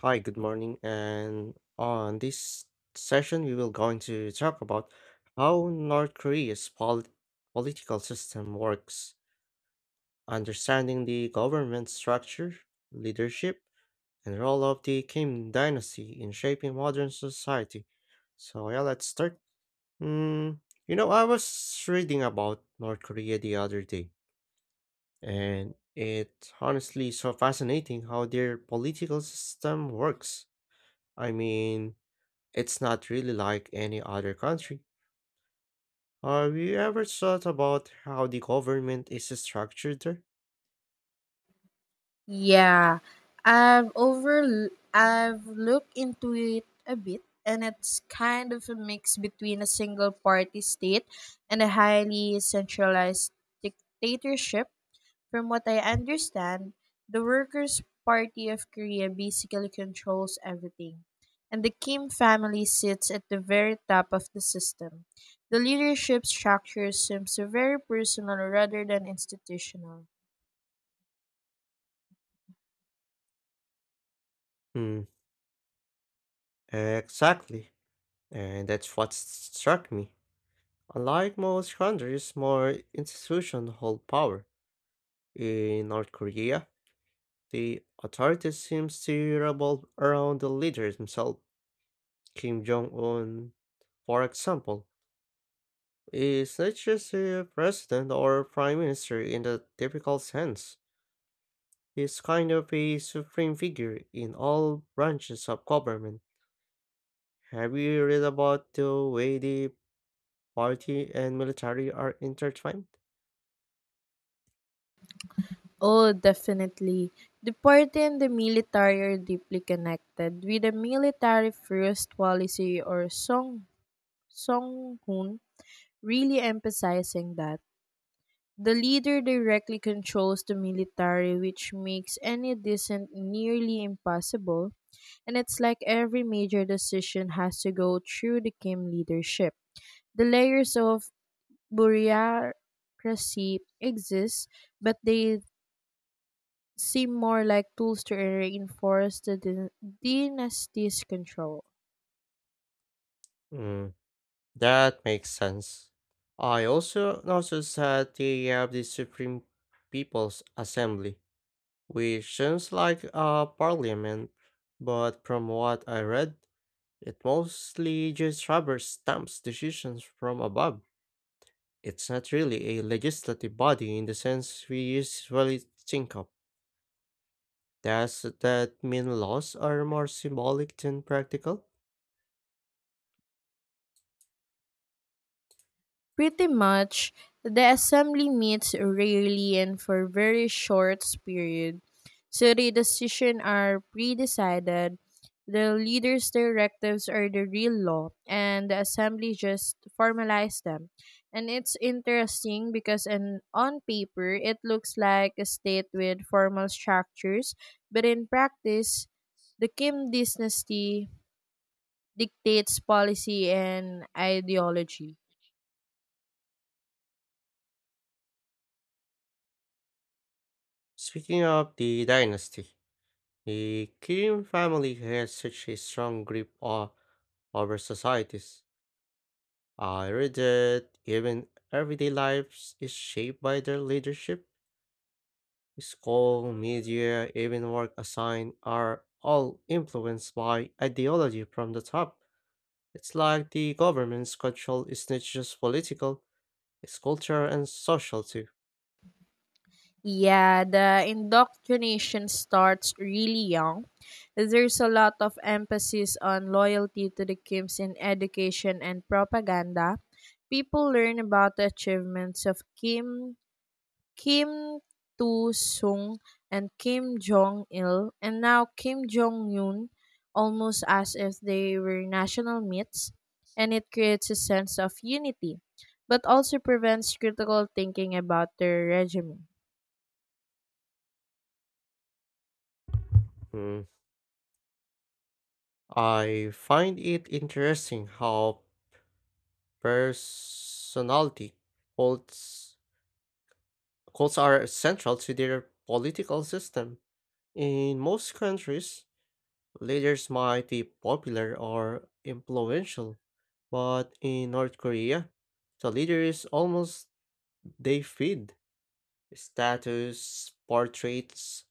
Hi, good morning. And on this session, we will going to talk about how North Korea's political system works, understanding the government structure, leadership, and role of the Kim dynasty in shaping modern society. So yeah, let's start. Mm, you know, I was reading about North Korea the other day, and it honestly so fascinating how their political system works. I mean, it's not really like any other country. Have you ever thought about how the government is structured there? Yeah, I've looked into it a bit, and it's kind of a mix between a single party state and a highly centralized dictatorship. From what I understand, the Workers' Party of Korea basically controls everything, and the Kim family sits at the very top of the system. The leadership structure seems very personal rather than institutional. Hmm, exactly. And that's what struck me. Unlike most countries, more institutions hold power. In North Korea, the authority seems to revolve around the leader himself. Kim Jong un, for example, is not just a president or prime minister in the typical sense. He's kind of a supreme figure in all branches of government. Have you read about the way the party and military are intertwined? Oh, definitely. The party and the military are deeply connected, with the military first policy or Songhun really emphasizing that. The leader directly controls the military, which makes any dissent nearly impossible, and it's like every major decision has to go through the Kim leadership. The layers of bureaucracy exist, but they seem more like tools to reinforce the dynasty's control. Mm, that makes sense. I also noticed that they have the Supreme People's Assembly, which sounds like a parliament, but from what I read, it mostly just rubber stamps decisions from above. It's not really a legislative body in the sense we usually think of. Does that mean laws are more symbolic than practical? Pretty much, the assembly meets rarely and for very short period, so the decisions are pre-decided. The leader's directives are the real law, and the assembly just formalize them. And it's interesting because an, on paper it looks like a state with formal structures, but in practice, the Kim dynasty dictates policy and ideology. Speaking of the dynasty, the Qin family has such a strong grip over societies. I read that even everyday life is shaped by their leadership. School, media, even work assigned are all influenced by ideology from the top. It's like the government's control is not just political, it's cultural and social too. Yeah, the indoctrination starts really young. There's a lot of emphasis on loyalty to the Kims in education and propaganda. People learn about the achievements of Kim Tu Sung and Kim Jong Il, and now Kim Jong Un, almost as if they were national myths, and it creates a sense of unity, but also prevents critical thinking about their regime. Hmm. I find it interesting how personality cults, cults are central to their political system. In most countries, leaders might be popular or influential, but in North Korea, the leader is almost they feed status, portraits,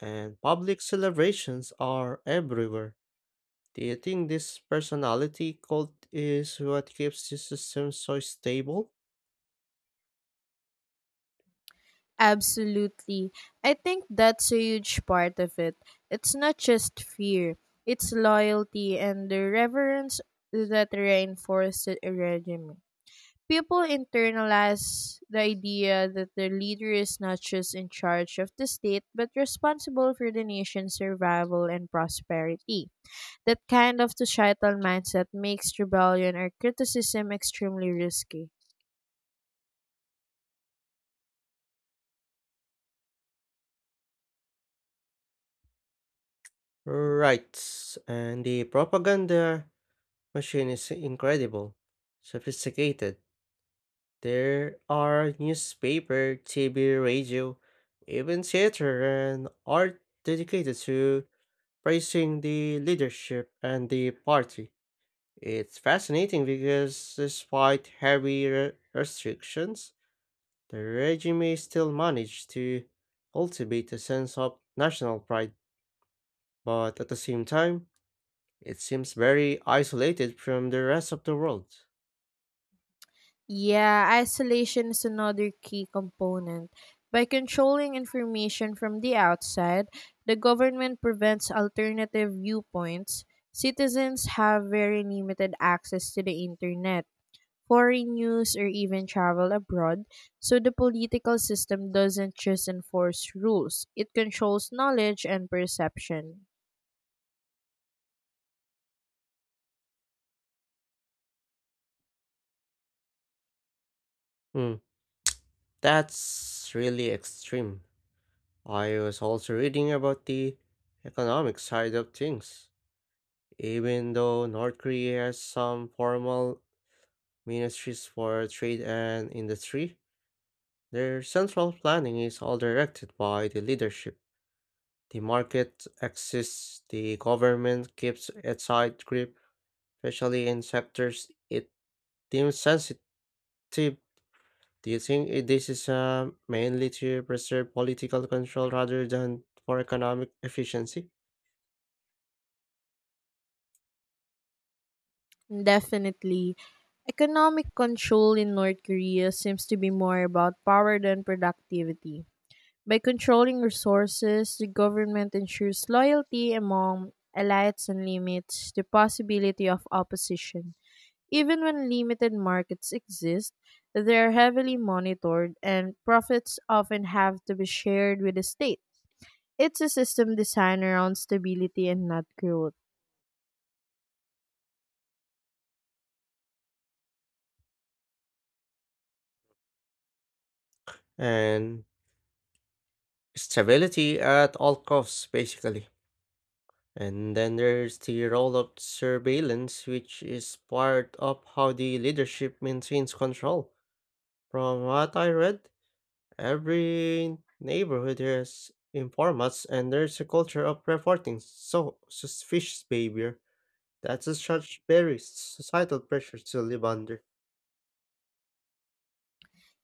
and public celebrations are everywhere. Do you think this personality cult is what keeps the system so stable? Absolutely. I think that's a huge part of it. It's not just fear, it's loyalty and the reverence that reinforces a regime. People internalize the idea that the leader is not just in charge of the state but responsible for the nation's survival and prosperity. That kind of societal mindset makes rebellion or criticism extremely risky. Right, and the propaganda machine is incredible, sophisticated. There are newspaper, TV, radio, even theater and art dedicated to praising the leadership and the party. It's fascinating because despite heavy restrictions, the regime still managed to cultivate a sense of national pride, but at the same time, it seems very isolated from the rest of the world. Yeah, isolation is another key component. By controlling information from the outside, the government prevents alternative viewpoints. Citizens have very limited access to the internet, foreign news, or even travel abroad, so the political system doesn't just enforce rules, it controls knowledge and perception. Hmm, that's really extreme. I was also reading about the economic side of things. Even though North Korea has some formal ministries for trade and industry, their central planning is all directed by the leadership. The market exists, the government keeps a tight grip, especially in sectors it deems sensitive. Do you think this is mainly to preserve political control rather than for economic efficiency Definitely, economic control in North Korea seems to be more about power than productivity. By controlling resources, the government ensures loyalty among elites and limits the possibility of opposition. Even when limited markets exist, they are heavily monitored and profits often have to be shared with the state. It's a system designed around stability and not growth. and stability at all costs, basically? And then there's the role of surveillance, which is part of how the leadership maintains control. From what I read, every neighborhood has informants and there's a culture of reporting so suspicious behavior. That's a such very societal pressure to live under.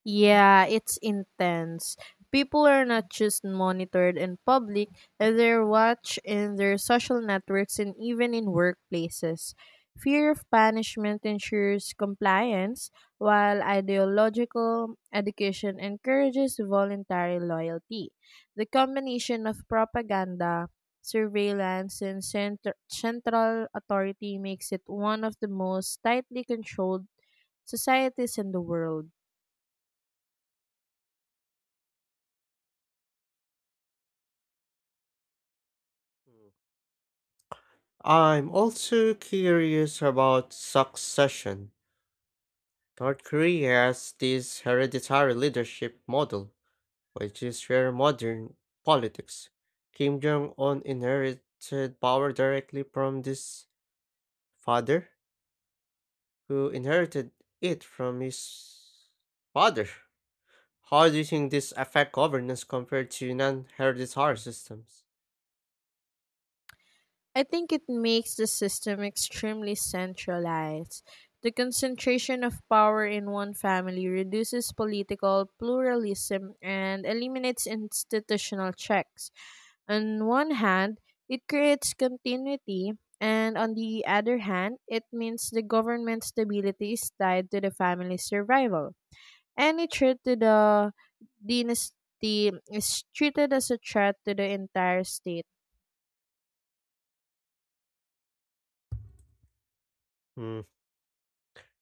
Yeah, it's intense. People are not just monitored in public, and they're watched in their social networks and even in workplaces. Fear of punishment ensures compliance, while ideological education encourages voluntary loyalty. The combination of propaganda, surveillance, and central authority makes it one of the most tightly controlled societies in the world. Hmm. I'm also curious about succession. North Korea has this hereditary leadership model, which is rare in modern politics. Kim Jong un inherited power directly from his father who inherited it from his father. How do you think this affect governance compared to non-hereditary systems? I think it makes the system extremely centralized. The concentration of power in one family reduces political pluralism and eliminates institutional checks. On one hand, it creates continuity, and on the other hand, it means the government stability is tied to the family's survival. Any threat to the dynasty is treated as a threat to the entire state. Hmm,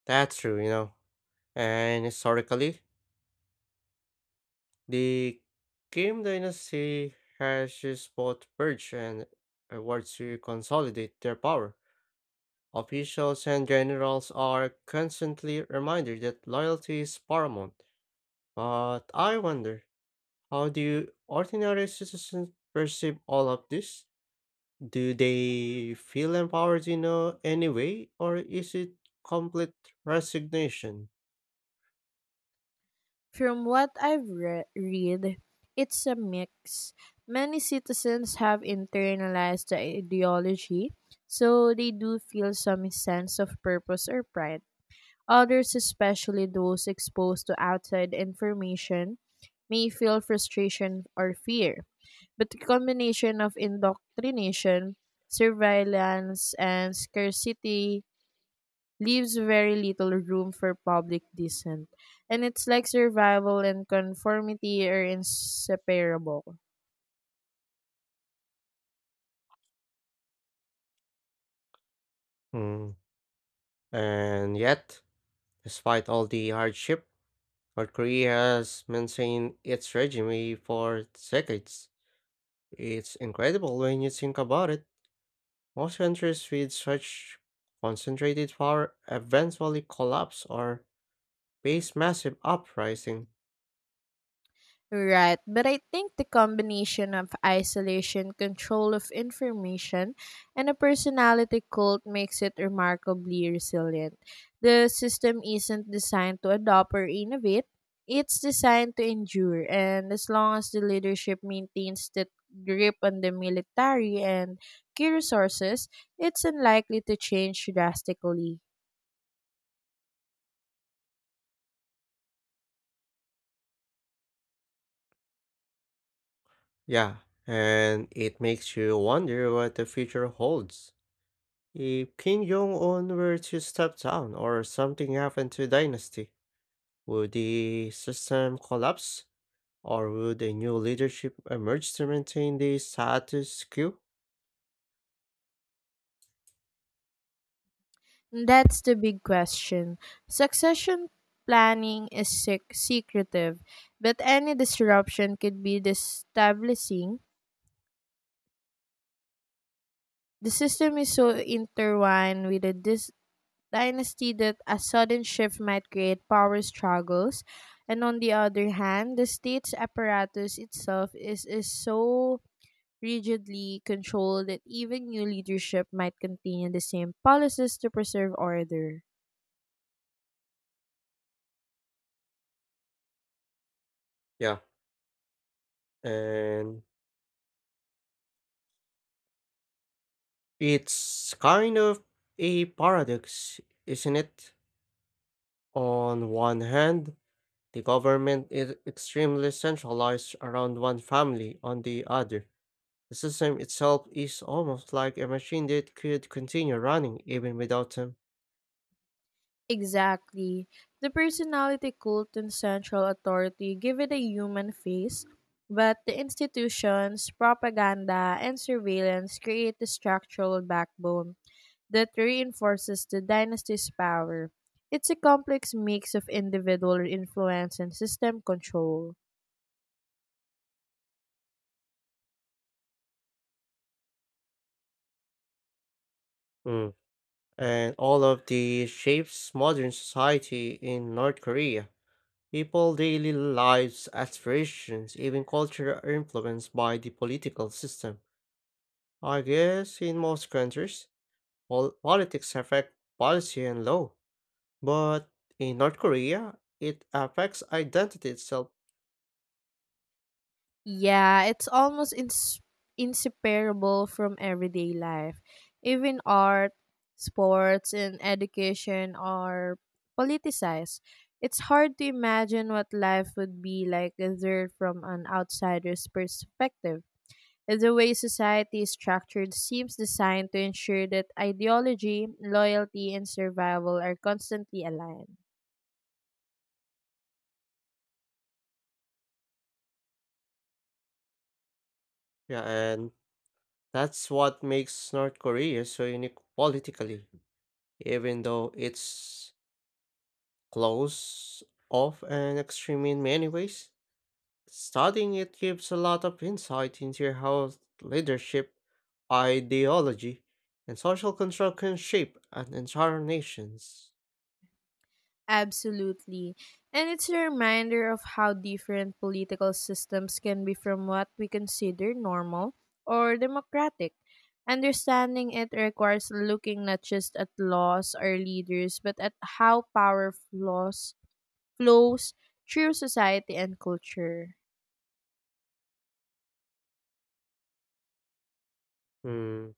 that's true, you know. And historically, the Kim dynasty has used both purge and war to consolidate their power. Officials and generals are constantly reminded that loyalty is paramount. But I wonder, how do ordinary citizens perceive all of this? Do they feel empowered in any way, or is it complete resignation? From what I've read, it's a mix. Many citizens have internalized the ideology, so they do feel some sense of purpose or pride. Others, especially those exposed to outside information, may feel frustration or fear. But the combination of indoctrination, surveillance, and scarcity leaves very little room for public dissent. And it's like survival and conformity are inseparable. Hmm. And yet, despite all the hardship, North Korea has maintained its regime for decades. It's incredible when you think about it. Most countries with such concentrated power eventually collapse or face massive uprising. Right, but I think the combination of isolation, control of information, and a personality cult makes it remarkably resilient. The system isn't designed to adopt or innovate, it's designed to endure, and as long as the leadership maintains that grip on the military and key resources, it's unlikely to change drastically. Yeah, and it makes you wonder what the future holds. If King Jong-un were to step down or something happened to the dynasty, would the system collapse or would a new leadership emerge to maintain the status quo? That's the big question. Succession planning is secretive, but any disruption could be destabilizing. The system is so intertwined with the dynasty that a sudden shift might create power struggles. And on the other hand, the state's apparatus itself is so rigidly controlled that even new leadership might continue the same policies to preserve order. Yeah. And it's kind of a paradox, isn't it? On one hand, the government is extremely centralized around one family, on the other, the system itself is almost like a machine that could continue running even without them. Exactly. The personality cult and central authority give it a human face, but the institutions, propaganda, and surveillance create the structural backbone that reinforces the dynasty's power. It's a complex mix of individual influence and system control. Mm. And all of these shapes modern society in North Korea. People daily lives, aspirations, even culture are influenced by the political system. I guess in most countries, politics affect policy and law. But in North Korea, it affects identity itself. Yeah, it's almost inseparable from everyday life. Even art, sports, and education are politicized. It's hard to imagine what life would be like observed from an outsider's perspective. The way society is structured seems designed to ensure that ideology, loyalty, and survival are constantly aligned. Yeah, and that's what makes North Korea so unique politically, even though it's close off and extreme in many ways. Studying it gives a lot of insight into how leadership, ideology, and social control can shape an entire nation's. Absolutely. And it's a reminder of how different political systems can be from what we consider normal or democratic. Understanding it requires looking not just at laws or leaders, but at how power flows through society and culture. Hmm.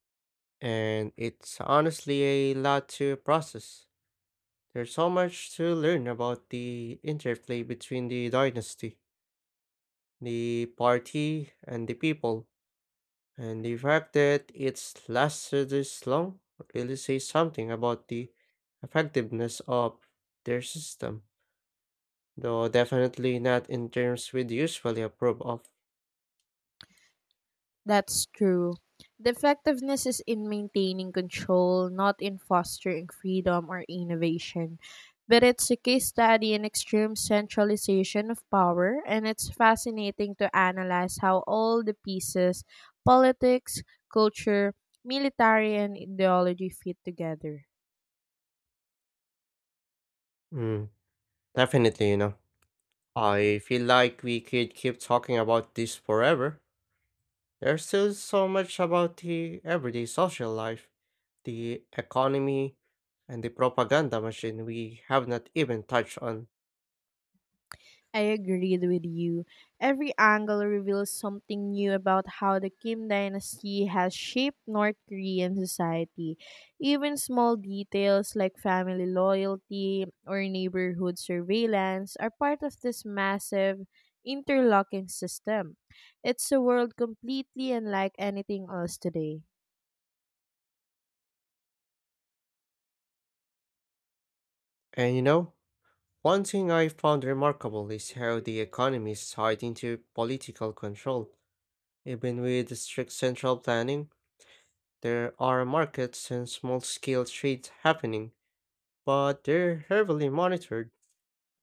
And it's honestly a lot to process. There's so much to learn about the interplay between the dynasty, the party, and the people. And the fact that it's lasted this long really says something about the effectiveness of their system. Though definitely not in terms we'd usually approve of. That's true. The effectiveness is in maintaining control, not in fostering freedom or innovation. But it's a case study in extreme centralization of power, and it's fascinating to analyze how all the pieces, politics, culture, military, and ideology fit together. Mm, definitely, you know. I feel like we could keep talking about this forever. There's still so much about the everyday social life, the economy, and the propaganda machine we have not even touched on. I agreed with you. Every angle reveals something new about how the Kim dynasty has shaped North Korean society. Even small details like family loyalty or neighborhood surveillance are part of this massive interlocking system. It's a world completely unlike anything else today. And you know, one thing I found remarkable is how the economy is tied into political control, even with strict central planning. There are markets and small scale trades happening, but they're heavily monitored.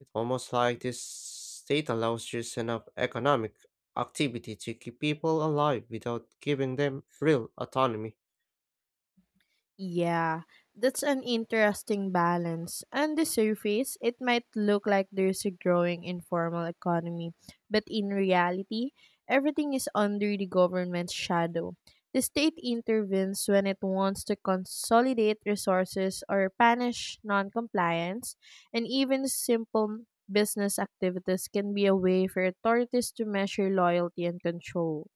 It's almost like this state allows just enough economic activity to keep people alive without giving them real autonomy. Yeah, that's an interesting balance. On the surface, it might look like there's a growing informal economy, but in reality, everything is under the government's shadow. The state intervenes when it wants to consolidate resources or punish non-compliance, and even simple business activities can be a way for authorities to measure loyalty and control.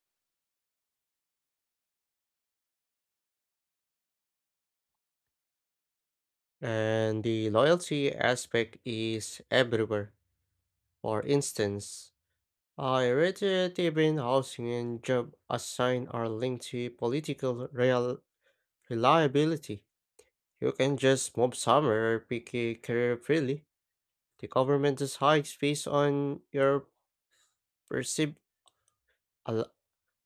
And the loyalty aspect is everywhere. For instance, I read that even housing and job assigned are linked to political real reliability. You can just move somewhere or pick a career freely. The government just hikes based on your perceived al-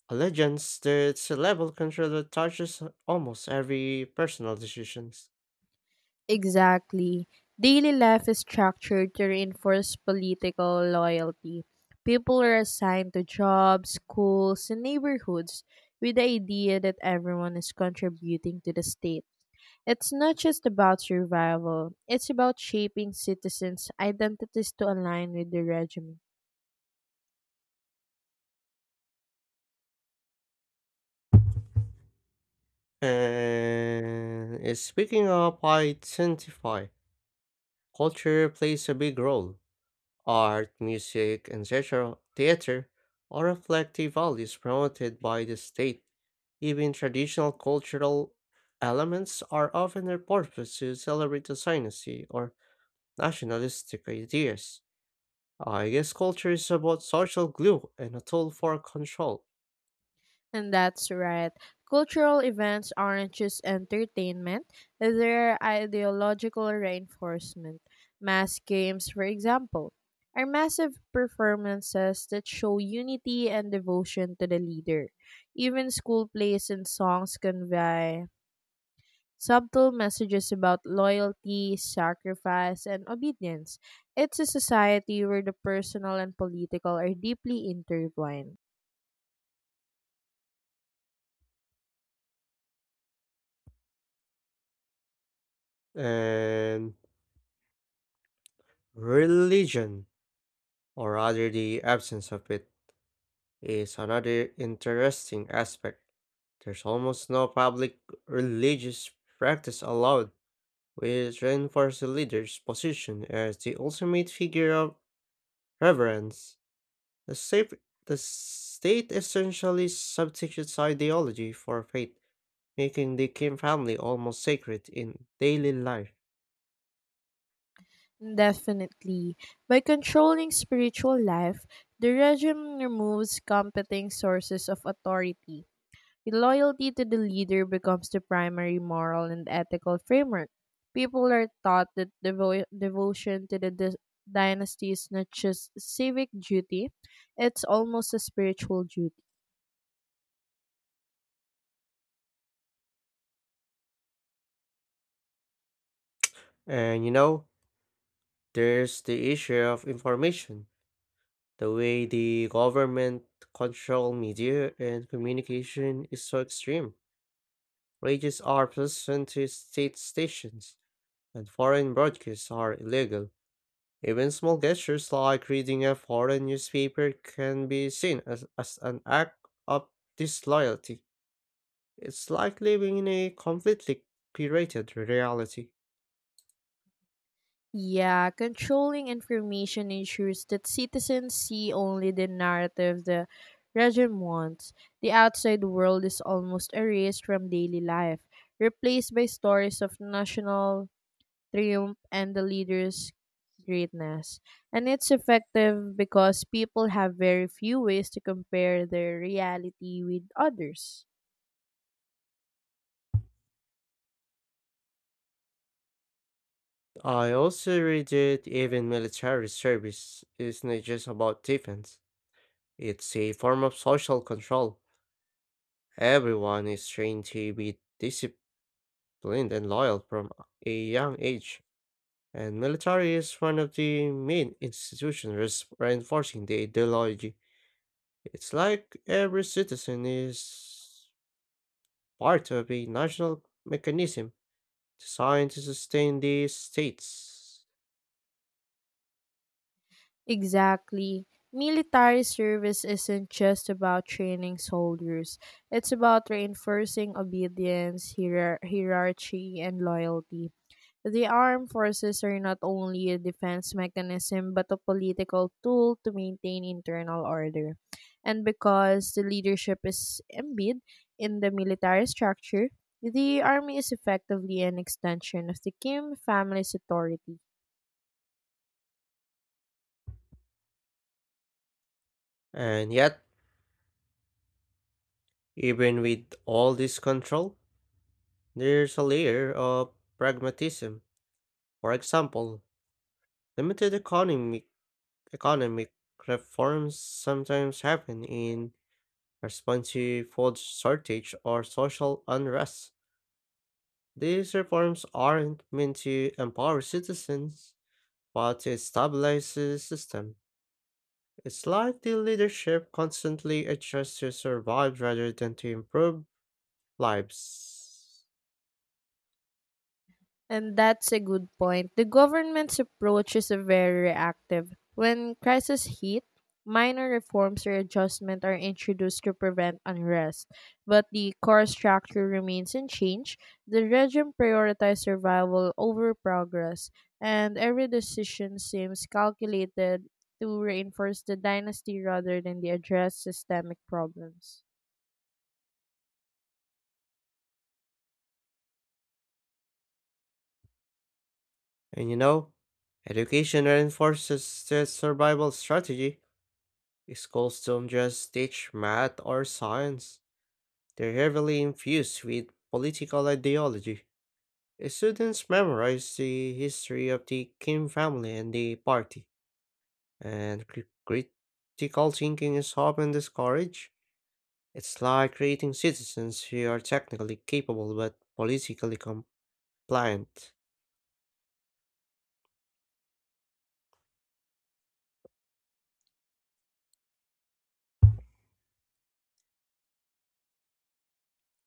allegiance. There's a level of control that touches almost every personal decisions. Exactly. Daily life is structured to reinforce political loyalty. People are assigned to jobs, schools, and neighborhoods with the idea that everyone is contributing to the state. It's not just about survival, it's about shaping citizens' identities to align with the regime. And speaking of identify, culture plays a big role. Art, music, and theatre theater all reflect the values promoted by the state. Even traditional cultural elements are often a purpose to celebrate the dynasty or nationalistic ideas. I guess culture is about social glue and a tool for control, And that's right. Cultural events aren't just entertainment, they're ideological reinforcement. Mass games, for example, are massive performances that show unity and devotion to the leader. Even school plays and songs convey subtle messages about loyalty, sacrifice, and obedience. It's a society where the personal and political are deeply intertwined. and religion, or rather the absence of it, is another interesting aspect. There's almost no public religious practice allowed, which reinforces the leader's position as the ultimate figure of reverence. The state, the state essentially substitutes ideology for faith, making the Kim family almost sacred in daily life. Definitely. By controlling spiritual life, the regime removes competing sources of authority. Loyalty to the leader becomes the primary moral and ethical framework. People are taught that devotion to the dynasty is not just civic duty, it's almost a spiritual duty. And you know, there's the issue of information. The way the government control media and communication is so extreme. Radios are present to state stations, and foreign broadcasts are illegal. Even small gestures like reading a foreign newspaper can be seen as an act of disloyalty. It's like living in a completely curated reality. Yeah, controlling information ensures that citizens see only the narrative the regime wants. The outside world is almost erased from daily life, replaced by stories of national triumph and the leader's greatness. And it's effective because people have very few ways to compare their reality with others. I also read that even military service is not just about defense. It's a form of social control. Everyone is trained to be disciplined and loyal from a young age, and military is one of the main institutions reinforcing the ideology. It's like every citizen is part of a national mechanism designed to sustain the states. Exactly. Military service isn't just about training soldiers. It's about reinforcing obedience, hierarchy, and loyalty. The armed forces are not only a defense mechanism but a political tool to maintain internal order. And because the leadership is embedded in the military structure, the army is effectively an extension of the Kim family's authority. And yet, even with all this control, there's a layer of pragmatism. For example, limited economic reforms sometimes happen in response to food shortage or social unrest. These reforms aren't meant to empower citizens, but to stabilize the system. It's like the leadership constantly adjusts to survive rather than to improve lives. And that's a good point. The government's approach is a very reactive. When crises hit, minor reforms or adjustments are introduced to prevent unrest, but the core structure remains unchanged. The regime prioritizes survival over progress, and every decision seems calculated to reinforce the dynasty rather than the address systemic problems. And you know, education reinforces the survival strategy. Schools don't just teach math or science, they're heavily infused with political ideology. Students memorize the history of the Kim family and the party, and critical thinking is often discouraged. It's like creating citizens who are technically capable but politically compliant.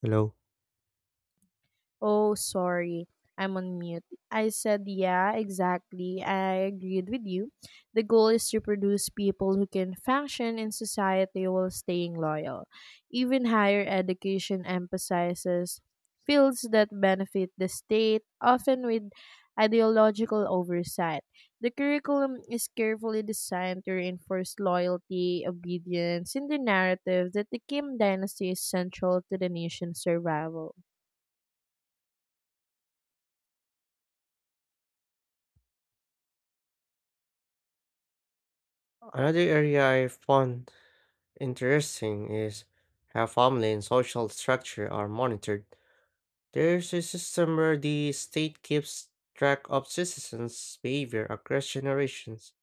Hello. Oh, sorry. I'm on mute. I said, yeah, exactly. I agreed with you. The goal is to produce people who can function in society while staying loyal. Even higher education emphasizes fields that benefit the state, often with ideological oversight. The curriculum is carefully designed to reinforce loyalty, obedience, and the narrative that the Kim dynasty is central to the nation's survival. Another area I found interesting is how family and social structure are monitored. There's a system where the state keeps track of citizens' behavior across generations.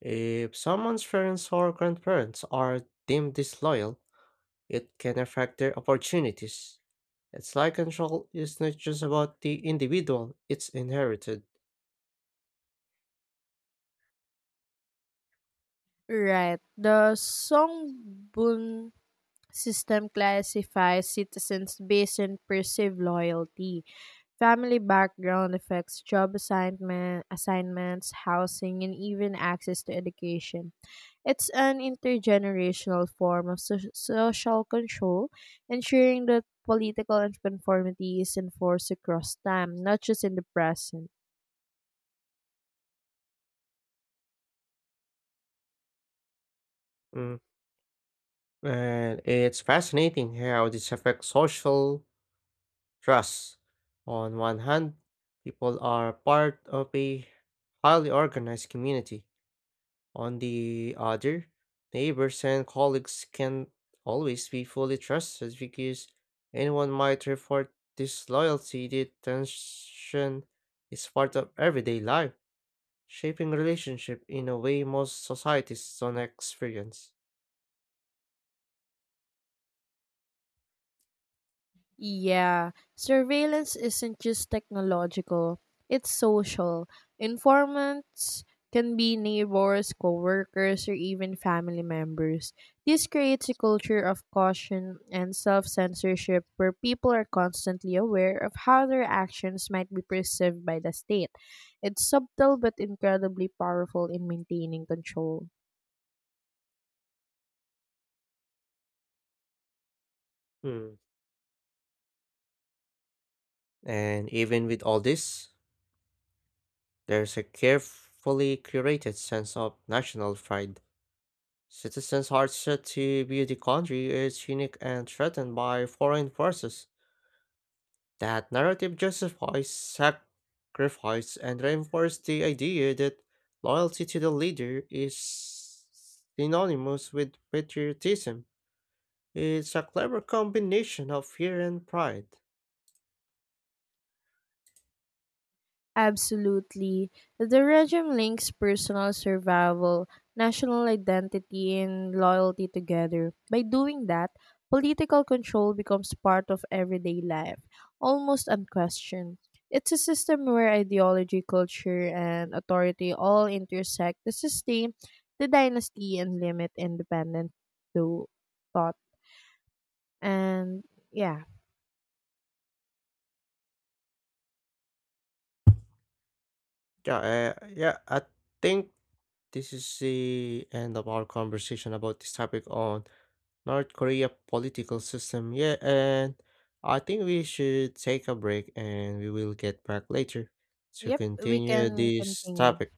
If someone's parents or grandparents are deemed disloyal, it can affect their opportunities. It's like control is not just about the individual, it's inherited. Right. The Songbun system classifies citizens based on perceived loyalty. Family background affects job assignments, housing, and even access to education. It's an intergenerational form of social control, ensuring that political conformity is enforced across time, not just in the present. Mm. And it's fascinating how this affects social trust. On one hand, people are part of a highly organized community. On the other, neighbors and colleagues can always be fully trusted because anyone might report disloyalty. The tension is part of everyday life, shaping relationship in a way most societies don't experience. Yeah, surveillance isn't just technological, it's social. Informants can be neighbors, coworkers, or even family members. This creates a culture of caution and self censorship where people are constantly aware of how their actions might be perceived by the state. It's subtle but incredibly powerful in maintaining control. Hmm. And even with all this, there's a carefully curated sense of national pride. Citizens are set to view the country as unique and threatened by foreign forces. That narrative justifies sacrifice and reinforces the idea that loyalty to the leader is synonymous with patriotism. It's a clever combination of fear and pride. Absolutely. The regime links personal survival, national identity, and loyalty together. By doing that, political control becomes part of everyday life, almost unquestioned. It's a system where ideology, culture, and authority all intersect to sustain the dynasty and limit independent tho- thought. And yeah. Yeah, I think this is the end of our conversation about this topic on North Korea political system. Yeah, and I think we should take a break and we will get back later to Yep, we continue can this continue. topic.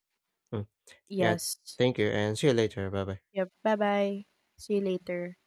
Mm, yeah, Yes. thank you and see you later. Bye bye. Yep, bye bye. See you later.